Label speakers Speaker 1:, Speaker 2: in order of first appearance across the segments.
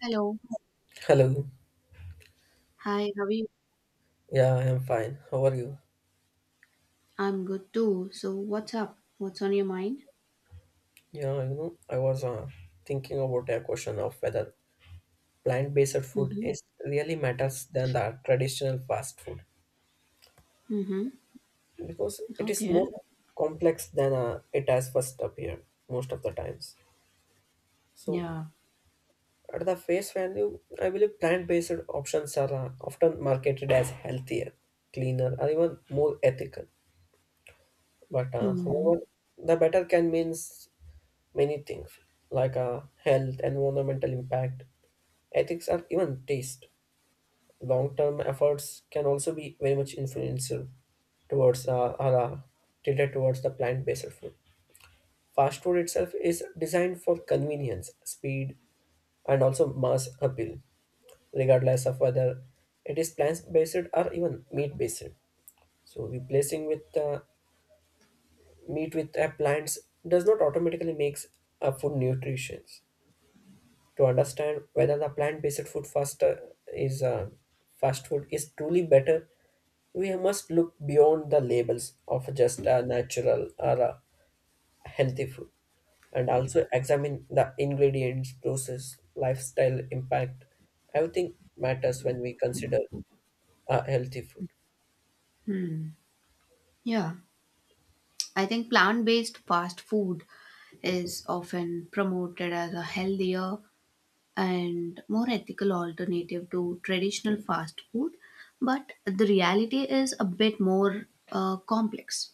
Speaker 1: Hello.
Speaker 2: Hello.
Speaker 1: Hi, how are you?
Speaker 2: Yeah, I am fine. How are you?
Speaker 1: I'm good too. So what's up? What's on your mind?
Speaker 2: Yeah, I was thinking about a question of whether plant-based food
Speaker 1: Mm-hmm.
Speaker 2: is really matters than the traditional fast food,
Speaker 1: Mm-hmm.
Speaker 2: because it is
Speaker 1: Okay.
Speaker 2: more complex than it has first appeared most of the times. So,
Speaker 1: Yeah.
Speaker 2: at the face value, I believe plant-based options are often marketed as healthier, cleaner, or even more ethical. But
Speaker 1: Hmm.
Speaker 2: However, the better can means many things like health, environmental impact, ethics, and even taste. Long term efforts can also be very much influential towards, or tilted towards the plant based food. Fast food itself is designed for convenience, speed, and also mass appeal, regardless of whether it is plant based or even meat based. So, replacing with meat with plants does not automatically makes a food nutritious. To understand whether the plant-based food faster is fast food is truly better, we must look beyond the labels of just a natural or a healthy food, and also examine the ingredients process, lifestyle impact. Everything matters when we consider a healthy food.
Speaker 1: Hmm. Yeah, I think plant-based fast food is often promoted as a healthier and more ethical alternative to traditional fast food, but the reality is a bit more complex.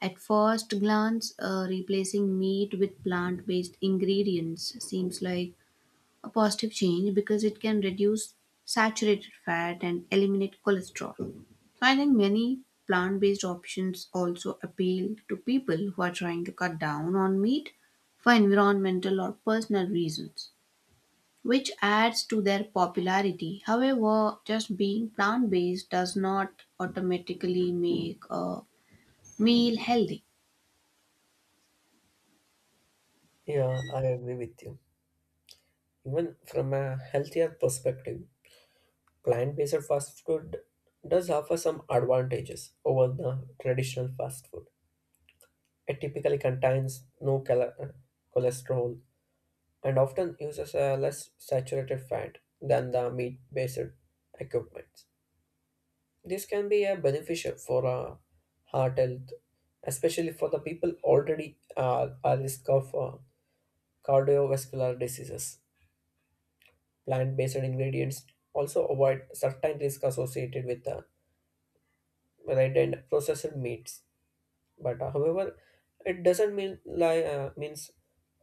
Speaker 1: At first glance, replacing meat with plant based ingredients seems like a positive change because it can reduce saturated fat and eliminate cholesterol. So I think many plant based options also appeal to people who are trying to cut down on meat for environmental or personal reasons, which adds to their popularity. However, just being plant based does not automatically make a meal healthy.
Speaker 2: Yeah, I agree with you. Even from a healthier perspective, plant-based fast food does offer some advantages over the traditional fast food. It typically contains no cholesterol, and often uses a less saturated fat than the meat-based equipments. This can be a beneficial for heart health, especially for the people already at risk of cardiovascular diseases. Plant-based ingredients also avoid certain risks associated with red and processed meats. But However, it doesn't mean like means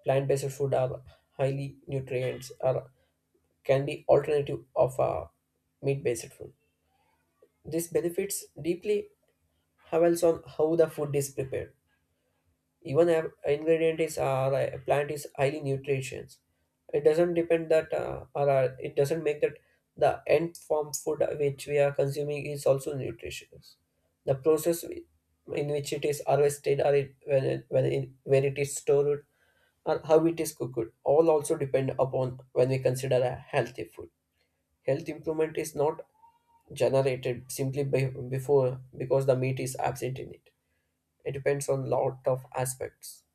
Speaker 2: plant-based food are highly nutrients, or can be alternative of meat-based food. This benefits deeply depends on how the food is prepared. Even a ingredient is like a plant is highly nutritious, it doesn't depend that, or it doesn't make that the end form food which we are consuming is also nutritious. the process wi- in which it is harvested, or where it is stored, or how it is cooked, all also depend upon when we consider a healthy food. Health improvement is not generated simply by, before because the meat is absent in it. It depends on lot of aspects.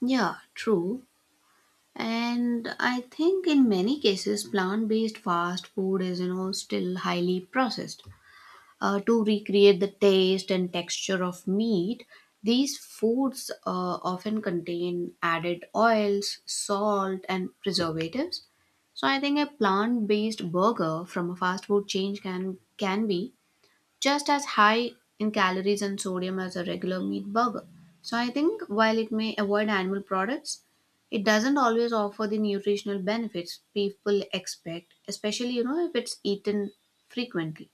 Speaker 1: Yeah, true. And I think in many cases, plant based fast food is, still highly processed. To recreate the taste and texture of meat, these foods often contain added oils, salt, and preservatives. So I think a plant based burger from a fast food chain can be just as high in calories and sodium as a regular meat burger. So I think while it may avoid animal products, it doesn't always offer the nutritional benefits people expect, especially if it's eaten frequently.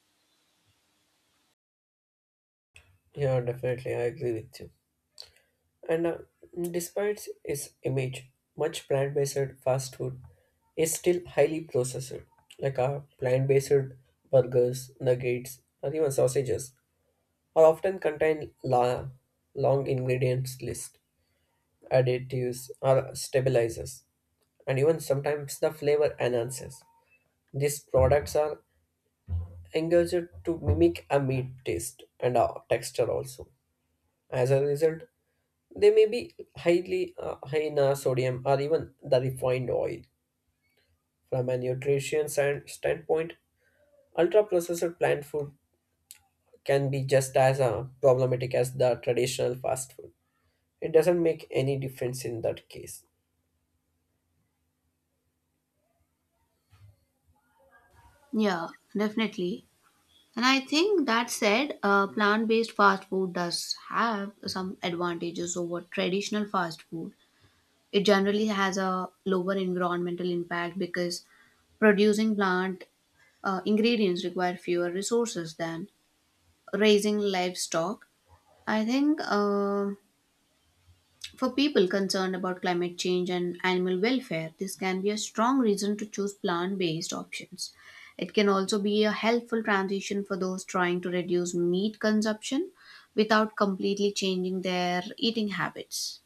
Speaker 2: Yeah, definitely, I agree with you. And Despite its image, much plant-based fast food is still highly processed. Like plant-based burgers, nuggets, or even sausages are often contain long ingredients list, additives, or stabilizers, and even sometimes the flavor enhancers. These products are engaged to mimic a meat taste and a texture also. As a result, they may be high in sodium or even the refined oil. From a nutrition standpoint, ultra processed plant food can be just as problematic as the traditional fast food. It doesn't make any difference in that case.
Speaker 1: Yeah, definitely. And I think that said, plant based fast food does have some advantages over traditional fast food. It generally has a lower environmental impact because producing plant ingredients require fewer resources than raising livestock. I think for people concerned about climate change and animal welfare, this can be a strong reason to choose plant based options. It can also be a helpful transition for those trying to reduce meat consumption without completely changing their eating habits.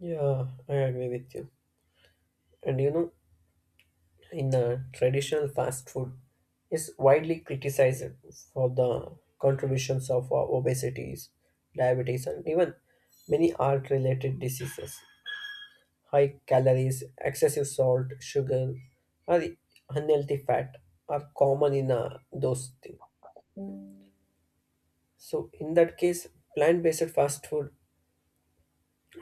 Speaker 2: Yeah, I agree with you. And you know, in the traditional fast food is widely criticized for the contributions of obesities, diabetes, and even many heart related diseases. High calories, excessive salt, sugar, or unhealthy fat are common in those things. So, in that case, plant based fast food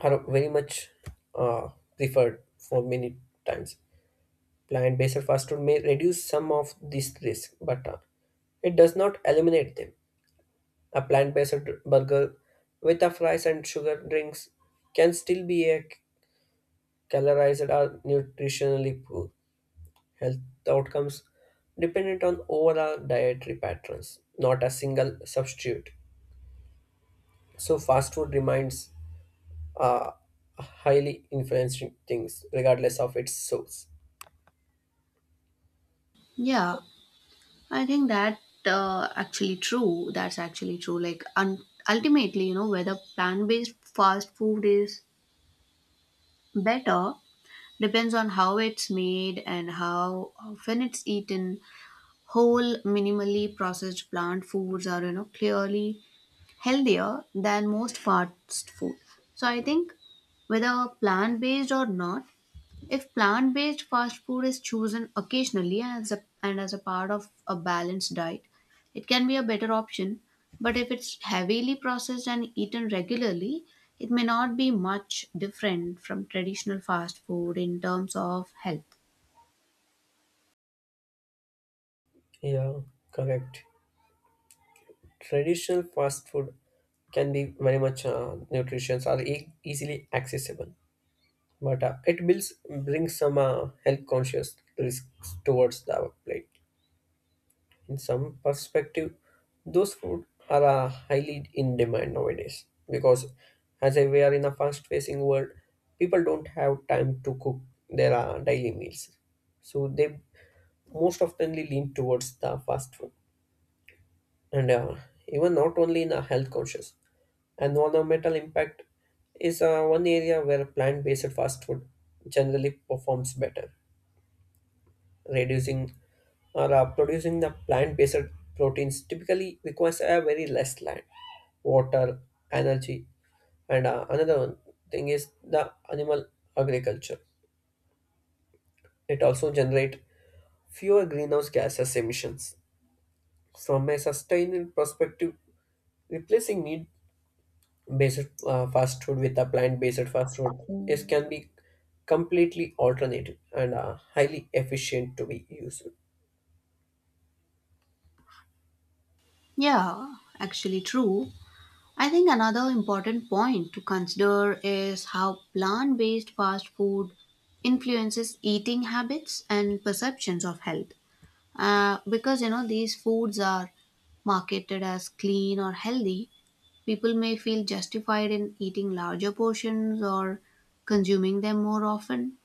Speaker 2: are very much uh, preferred for many times. Plant based fast food may reduce some of these risks, but it does not eliminate them. A plant based burger with a fries and sugar drinks can still be a calorized or nutritionally poor. Health outcomes dependent on overall dietary patterns, not a single substitute. So fast food remains uh, highly influencing things regardless of its source.
Speaker 1: Yeah, I think that actually true. Ultimately, you know, whether plant based fast food is better depends on how it's made and how often it's eaten. Whole, minimally processed plant foods are, you know, clearly healthier than most fast food. So I think whether plant based or not, if plant-based fast food is chosen occasionally and as a part of a balanced diet, it can be a better option. But if it's heavily processed and eaten regularly, it may not be much different from traditional fast food in terms of health.
Speaker 2: Yeah, correct. Traditional fast food can be very much nutritious or easily accessible, but it builds brings some health conscious risks towards the plate. In some perspective, those food are highly in demand nowadays because as we are in a fast-facing world, people don't have time to cook their daily meals, so they most oftenly lean towards the fast food. And even not only in a health conscious, environmental impact is one area where plant-based fast food generally performs better, reducing or producing the plant-based proteins typically requires a very less land, water, energy, and another one thing is the animal agriculture. It also generate fewer greenhouse gases emissions. From a sustainable perspective, replacing meat-based fast food with a plant-based fast food is can be completely alternative and highly efficient to be used.
Speaker 1: Yeah, actually true. I think another important point to consider is how plant based fast food influences eating habits and perceptions of health. Because these foods are marketed as clean or healthy, people may feel justified in eating larger portions or consuming them more often.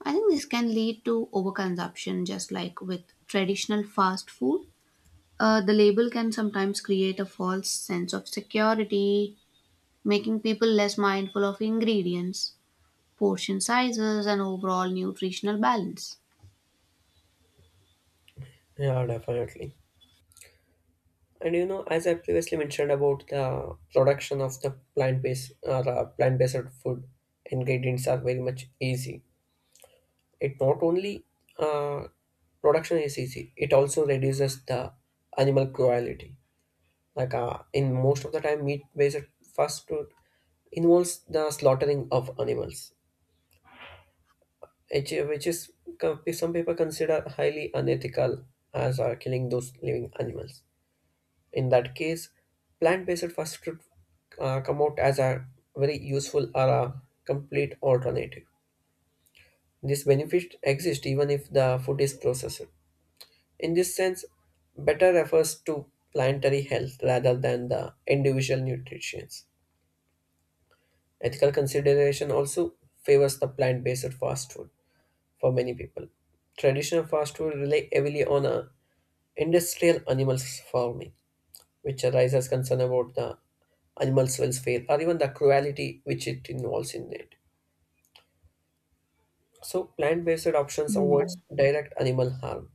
Speaker 1: I think this can lead to overconsumption, just like with traditional fast food. The label can sometimes create a false sense of security, making people less mindful of ingredients, portion sizes, and overall nutritional balance.
Speaker 2: Yeah, definitely. And you know, as I previously mentioned about the production of the plant-based or plant-based food ingredients are very much easy. It not only uh, production is easy; it also reduces the animal cruelty. Like in most of the time, meat-based fast food involves the slaughtering of animals, which is some people consider highly unethical as are killing those living animals. In that case, plant-based fast food come out as a very useful or a complete alternative. This benefit exists even if the food is processed. In this sense, better refers to planetary health rather than the individual nutrition. Ethical consideration also favors the plant-based fast food for many people. Traditional fast food rely heavily on a industrial animal farming, which arises concern about the animals' welfare or even the cruelty which it involves in it. So plant-based options avoids
Speaker 1: Hmm.
Speaker 2: direct animal harm.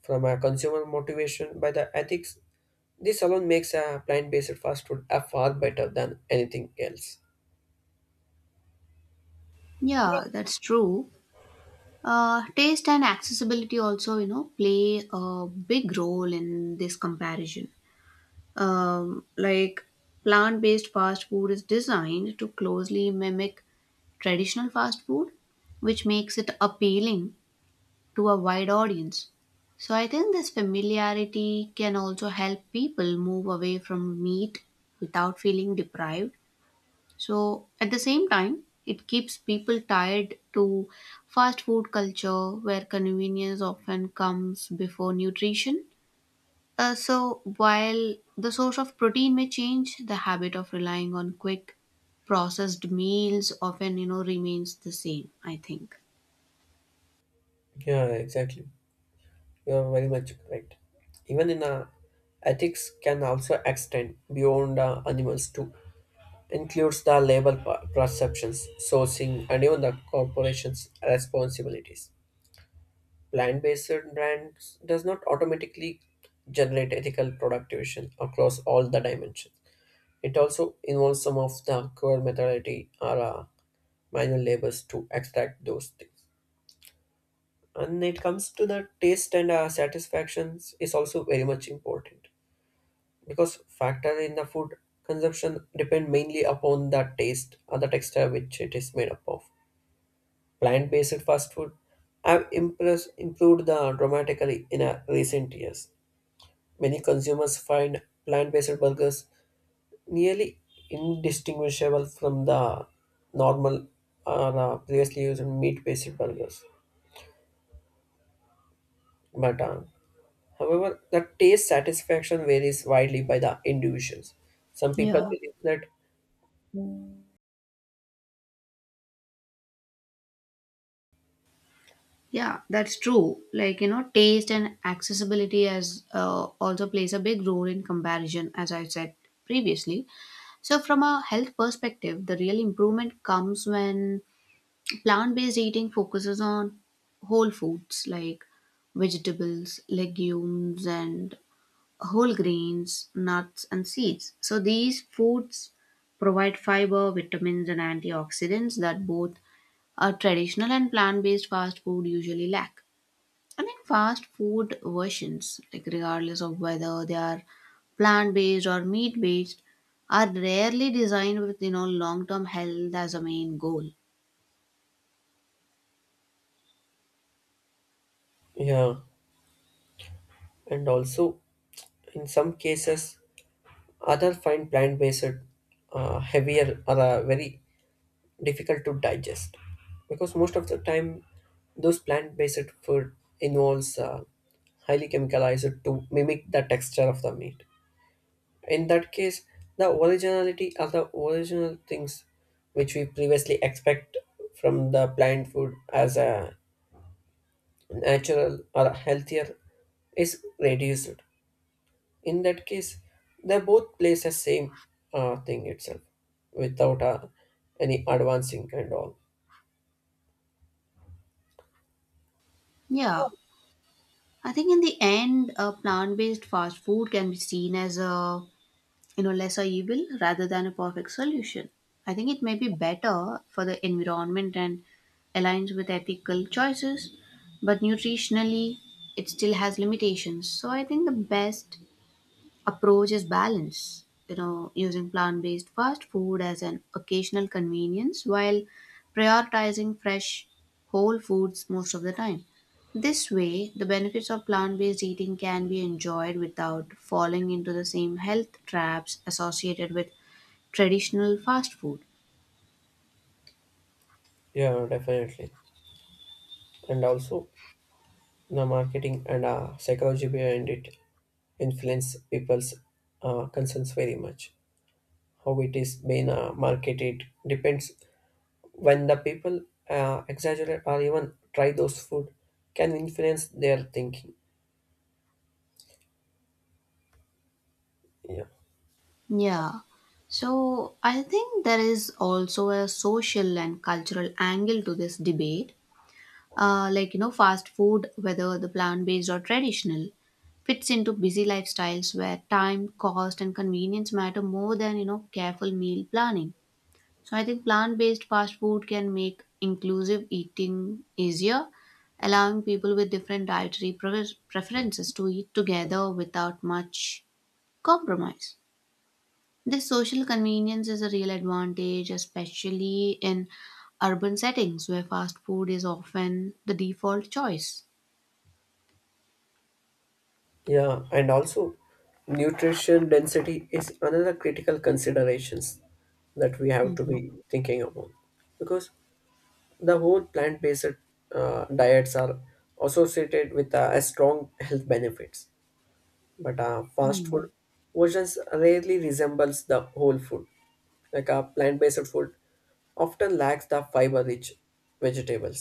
Speaker 2: From a consumer motivation by the ethics, this alone makes a plant-based fast food a far better than anything else.
Speaker 1: Yeah, that's true. Taste and accessibility also, you know, play a big role in this comparison. Like plant based fast food is designed to closely mimic traditional fast food, which makes it appealing to a wide audience. So I think this familiarity can also help people move away from meat without feeling deprived, so at the same time, it keeps people tied to fast food culture where convenience often comes before nutrition. So while the source of protein may change, the habit of relying on quick processed meals often remains the same, I think.
Speaker 2: Yeah, exactly. You are very much correct. Even in ethics can also extend beyond animals too. Includes the labor perceptions, sourcing, and even the corporation's responsibilities. Plant-based brands does not automatically generate ethical product division across all the dimensions. It also involves some of the core methodology or manual labors to extract those things. And it comes to the taste and satisfactions is also very much important because factor in the food consumption depend mainly upon the taste or the texture which it is made up of. Plant-based fast food have improved the dramatically in recent years. Many consumers find plant based burgers nearly indistinguishable from the normal or previously used meat based burgers. But However, the taste satisfaction varies widely by the individuals. Some people
Speaker 1: Yeah.
Speaker 2: believe that,
Speaker 1: Yeah, that's true. Like, you know, taste and accessibility as also plays a big role in comparison, as I said previously. So, from a health perspective, the real improvement comes when plant based eating focuses on whole foods like vegetables, legumes, and whole grains, nuts, and seeds. So, these foods provide fiber, vitamins, and antioxidants that both a traditional and plant based fast food usually lack. I mean, fast food versions, like regardless of whether they are plant based or meat based, are rarely designed with long term health as a main goal.
Speaker 2: yeah, and also in some cases, others find plant based heavier or very difficult to digest, because most of the time those plant-based food involves highly chemicalized to mimic the texture of the meat. In that case, the originality of the original things which we previously expect from the plant food as a natural or healthier is reduced. In that case, they both plays the same thing itself without any advancing and all.
Speaker 1: Yeah, I think in the end, a plant based fast food can be seen as a lesser evil rather than a perfect solution. I think it may be better for the environment and aligns with ethical choices, but nutritionally, it still has limitations. So I think the best approach is balance, you know, using plant-based fast food as an occasional convenience while prioritizing fresh whole foods most of the time. This way the benefits of plant-based eating can be enjoyed without falling into the same health traps associated with traditional fast food.
Speaker 2: Yeah, definitely. And also, the marketing and psychology behind it influence people's concerns very much. How it is being marketed depends when the people exaggerate or even try those food can influence their thinking. Yeah,
Speaker 1: Yeah, so I think there is also a social and cultural angle to this debate. Like, you know, fast food, whether the plant based or traditional, fits into busy lifestyles where time cost and convenience matter more than, you know, careful meal planning. So I think plant based fast food can make inclusive eating easier, allowing people with different preferences to eat together without much compromise. This social convenience is a real advantage, especially in urban settings where fast food is often the default choice.
Speaker 2: yeah, and also nutrition density is another critical considerations that we have to
Speaker 1: Mhm,
Speaker 2: be thinking about, because the whole plant-based diets are associated with a strong health benefits, but fast
Speaker 1: mhm,
Speaker 2: food versions rarely resembles the whole food. Like a plant-based food often lacks the fiber-rich vegetables,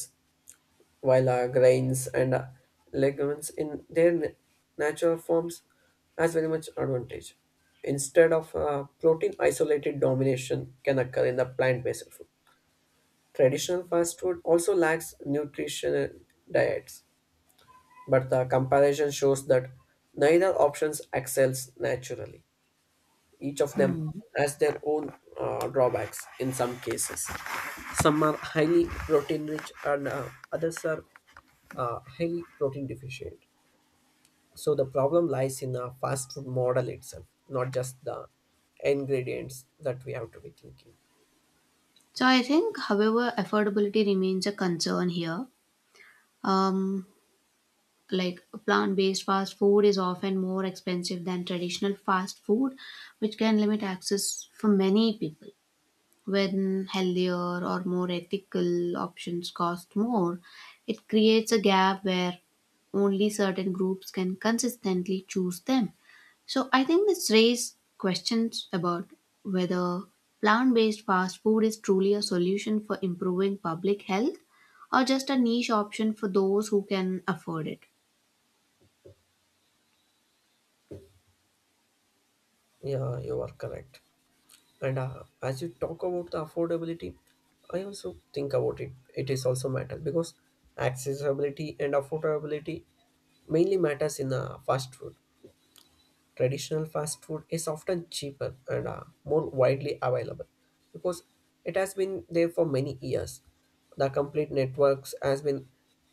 Speaker 2: while grains and legumes in their natural forms has very much advantage. Instead of protein isolated domination can occur in the plant-based food. Traditional fast food also lacks nutritional diets, but the comparison shows that neither options excels naturally. Each of them
Speaker 1: mhm.
Speaker 2: has their own drawbacks in some cases. Some are highly protein rich and others are highly protein deficient. So the problem lies in the fast food model itself, not just the ingredients that we have to be thinking.
Speaker 1: So I think, however, affordability remains a concern here. Um, like plant-based fast food is often more expensive than traditional fast food, which can limit access for many people. When healthier or more ethical options cost more, it creates a gap where only certain groups can consistently choose them. So I think this raises questions about whether plant based fast food is truly a solution for improving public health or just a niche option for those who can afford it.
Speaker 2: Yeah, you are correct. And as you talk about the affordability, I also think about it. It is also matter because accessibility and affordability mainly matters in fast food. Traditional fast food is often cheaper and more widely available because it has been there for many years. The complete networks has been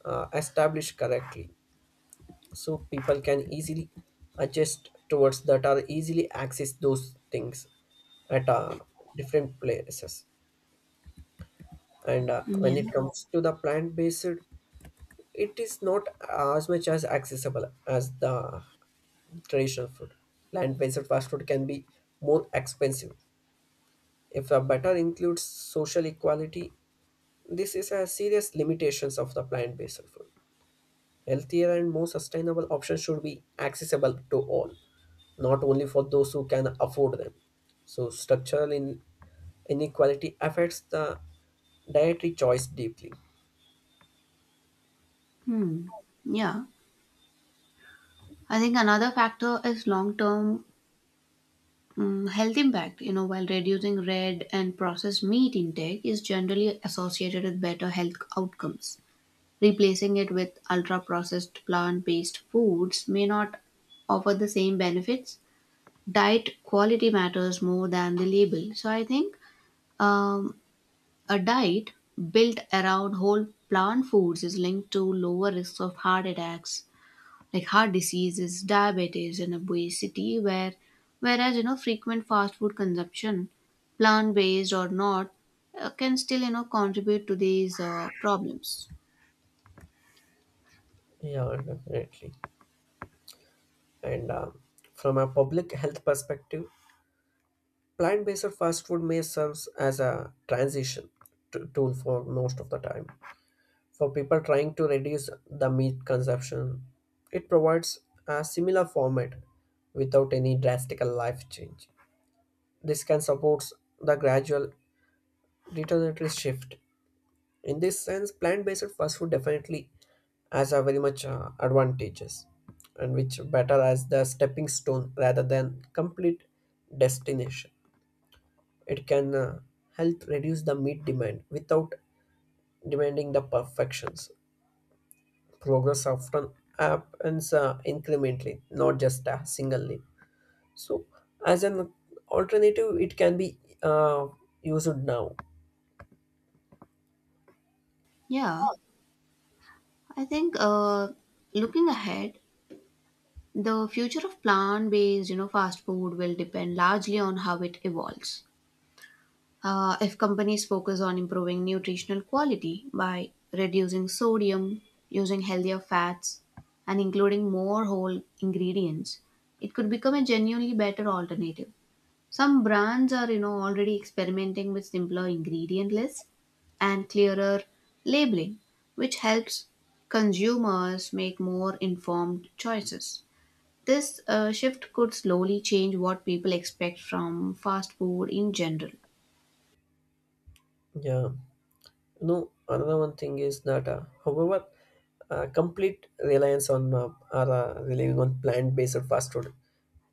Speaker 2: uh, established correctly so people can easily adjust towards that or easily access those things at different places, and
Speaker 1: Yeah.
Speaker 2: when it comes to the plant based, it is not as much as accessible as the traditional food. Plant based fast food can be more expensive if the better includes social equality. This is a serious limitations of the plant based food. Healthier and more sustainable options should be accessible to all, not only for those who can afford them. So, structural inequality affects the dietary choice deeply.
Speaker 1: Hmm. Yeah. I think another factor is long term health impact. You know, while reducing red and processed meat intake is generally associated with better health outcomes, replacing it with ultra processed plant based foods may not offer the same benefits. Diet quality matters more than the label. So I think um, a diet built around whole plant foods is linked to lower risks of heart attacks, like heart diseases, diabetes, and obesity, whereas, you know, frequent fast food consumption, plant based or not, can still contribute to these problems.
Speaker 2: Yeah, definitely. And from a public health perspective, plant based fast food may serve as a transition tool for most of the time, for people trying to reduce the meat consumption. It provides a similar format without any drastic life change. This can support the gradual dietary shift. In this sense, plant-based fast food definitely has a very much advantages and which better as the stepping stone rather than complete destination. It can help reduce the meat demand without demanding the perfections progress often happens incrementally, not just singly. So, as an alternative, it can be used now.
Speaker 1: Yeah, I think looking ahead, the future of plant based, you know, fast food will depend largely on how it evolves. If companies focus on improving nutritional quality by reducing sodium, using healthier fats, and including more whole ingredients, it could become a genuinely better alternative. Some brands are, you know, already experimenting with simpler ingredient lists and clearer labeling, which helps consumers make more informed choices. This shift could slowly change what people expect from fast food in general.
Speaker 2: Yeah. No, another one thing is that, however, complete reliance on or relying on plant-based fast food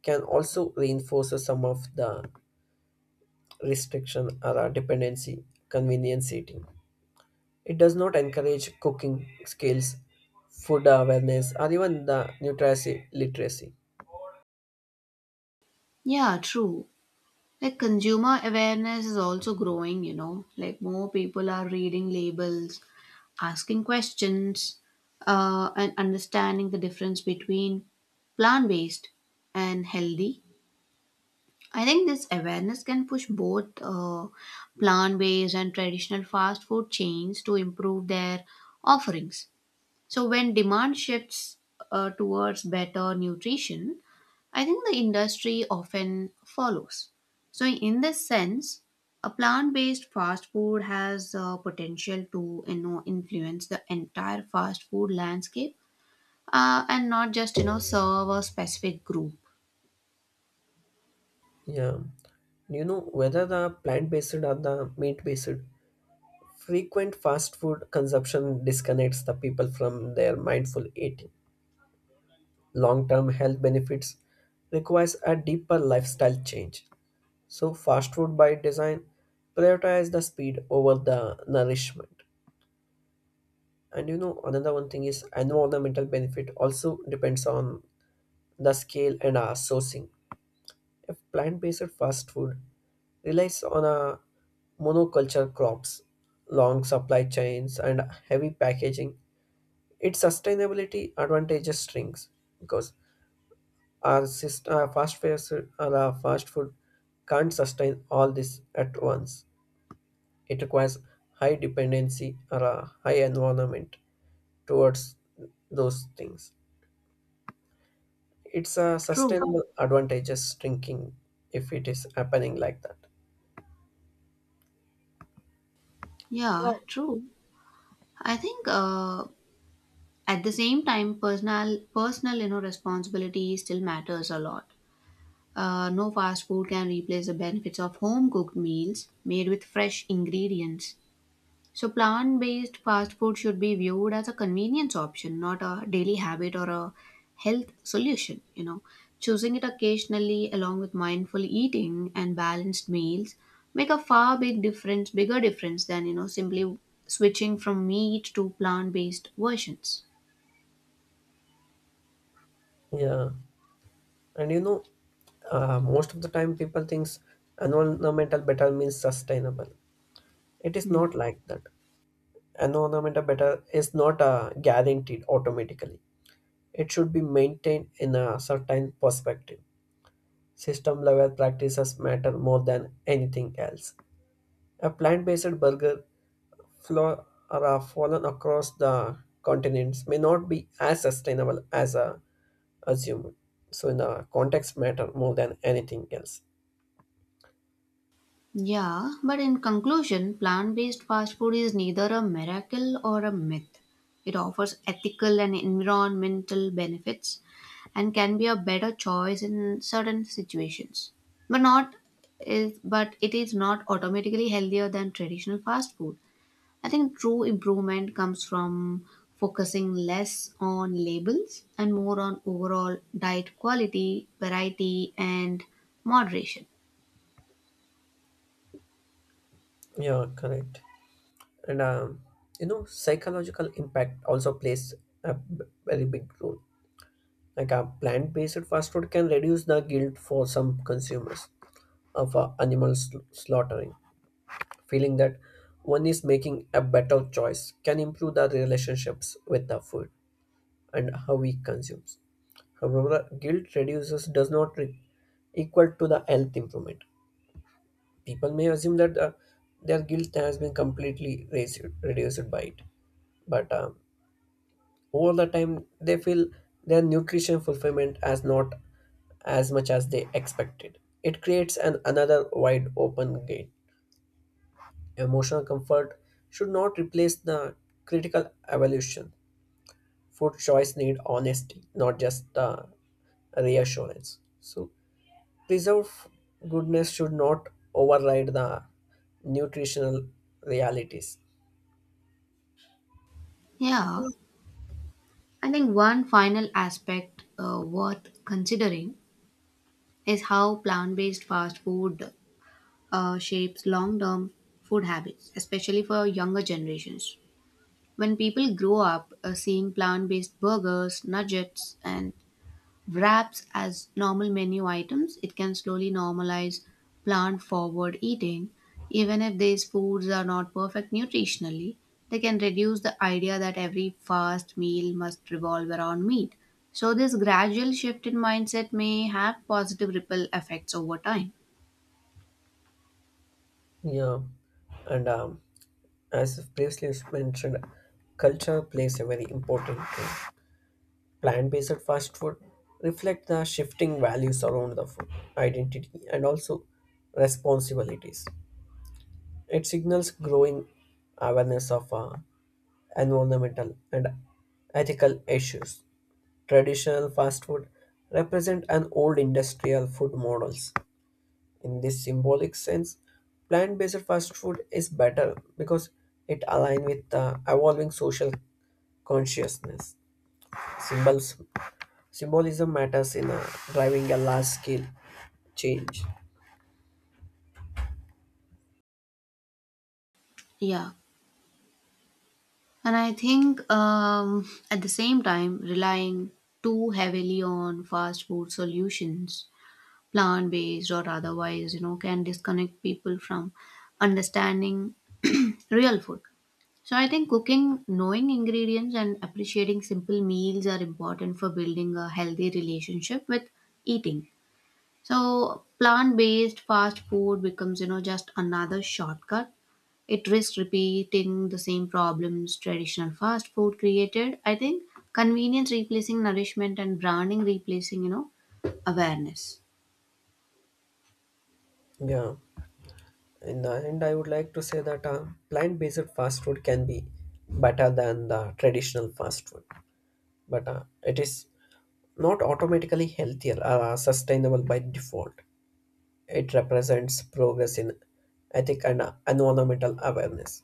Speaker 2: can also reinforce some of the restriction or dependency, convenience eating. It does not encourage cooking skills, food awareness, or even the nutrition literacy.
Speaker 1: Yeah, true. Like consumer awareness is also growing. You know, like more people are reading labels, asking questions, and understanding the difference between plant based and healthy. I think this awareness can push both plant based and traditional fast food chains to improve their offerings. So, when demand shifts towards better nutrition, I think the industry often follows. So, in this sense, a plant based fast food has potential to, you know, influence the entire fast food landscape, and not just, you know, serve a specific group.
Speaker 2: Yeah. You know, whether the plant based or the meat based, frequent fast food consumption disconnects the people from their mindful eating. Long term health benefits requires a deeper lifestyle change. So, fast food by design prioritize the speed over the nourishment. And you know, another one thing is environmental benefit also depends on the scale and our sourcing. If plant-based fast food relies on a monoculture crops, long supply chains, and heavy packaging, its sustainability advantages shrinks because our system, our fast food can't sustain all this at once. It requires high dependency or a high environment towards those things. It's a
Speaker 1: True.
Speaker 2: sustainable advantages drinking if it is happening like that.
Speaker 1: Yeah,
Speaker 2: Right.
Speaker 1: true. I think at the same time, personal, you know, responsibility still matters a lot. No fast food can replace the benefits of home cooked meals made with fresh ingredients. So, plant based fast food should be viewed as a convenience option, not a daily habit or a health solution. You know, choosing it occasionally along with mindful eating and balanced meals make a far big difference, bigger difference than, you know, simply switching from meat to plant based versions.
Speaker 2: Yeah, and you know, most of the time people thinks environmental better means sustainable. It is not like that. Environmental better is not guaranteed automatically. It should be maintained in a certain perspective. System level practices matter more than anything else. A plant-based burger flora fallen across the continents may not be as sustainable as a assumed. So in the context matter more than anything else.
Speaker 1: Yeah, but in conclusion, plant based fast food is neither a miracle or a myth. It offers ethical and environmental benefits and can be a better choice in certain situations. But not but it is not automatically healthier than traditional fast food. I think true improvement comes from focusing less on labels and more on overall diet quality, variety and moderation.
Speaker 2: Yeah, correct. And you know, psychological impact also plays a very big role. Like a plant-based fast food can reduce the guilt for some consumers of animal slaughtering, feeling that one is making a better choice can improve the relationships with the food and how we consume. However, guilt reduces does not equal to the health improvement. People may assume that their guilt has been completely reduced by it, but over the time they feel their nutrition fulfillment as not as much as they expected. It creates an another wide open gate. Emotional comfort should not replace the critical evaluation. Food choice need honesty, not just reassurance. So preserve goodness should not override the nutritional realities.
Speaker 1: Yeah. I think one final aspect worth considering is how plant based fast food shapes long term food habits, especially for younger generations. When people grow up seeing plant based burgers, nuggets, and wraps as normal menu items, it can slowly normalize plant forward eating. Even if these foods are not perfect nutritionally, they can reduce the idea that every fast meal must revolve around meat. So, this gradual shift in mindset may have positive ripple effects over time.
Speaker 2: Yeah, and as previously mentioned, culture plays a very important role. Plant-based fast food reflect the shifting values around the food identity and also responsibilities. It signals growing awareness of environmental and ethical issues. Traditional fast food represent an old industrial food models. In this symbolic sense, plant-based fast food is better because it aligns with the evolving social consciousness. Symbols, symbolism matters in driving a large-scale change.
Speaker 1: Yeah. And I think at the same time, relying too heavily on fast food solutions, plant based or otherwise, you know, can disconnect people from understanding real food. So I think cooking, knowing ingredients, and appreciating simple meals are important for building a healthy relationship with eating. So, plant based fast food becomes, you know, just another shortcut. It risks repeating the same problems traditional fast food created, I think: convenience replacing nourishment and branding replacing, you know, awareness.
Speaker 2: Yeah. In the end, I would like to say that plant-based fast food can be better than the traditional fast food, but it is not automatically healthier or sustainable by default. It represents progress in ethic and environmental awareness,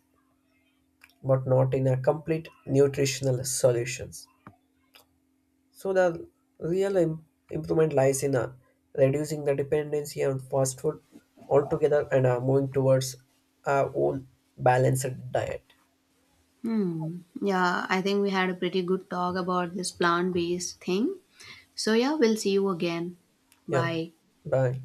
Speaker 2: but not in a complete nutritional solutions. So the real im- improvement lies in reducing the dependency on fast food altogether and moving towards our own balanced diet.
Speaker 1: Hmm. Yeah, I think we had a pretty good talk about this plant based thing. So, yeah, we'll see you again.
Speaker 2: Yeah.
Speaker 1: Bye.
Speaker 2: Bye.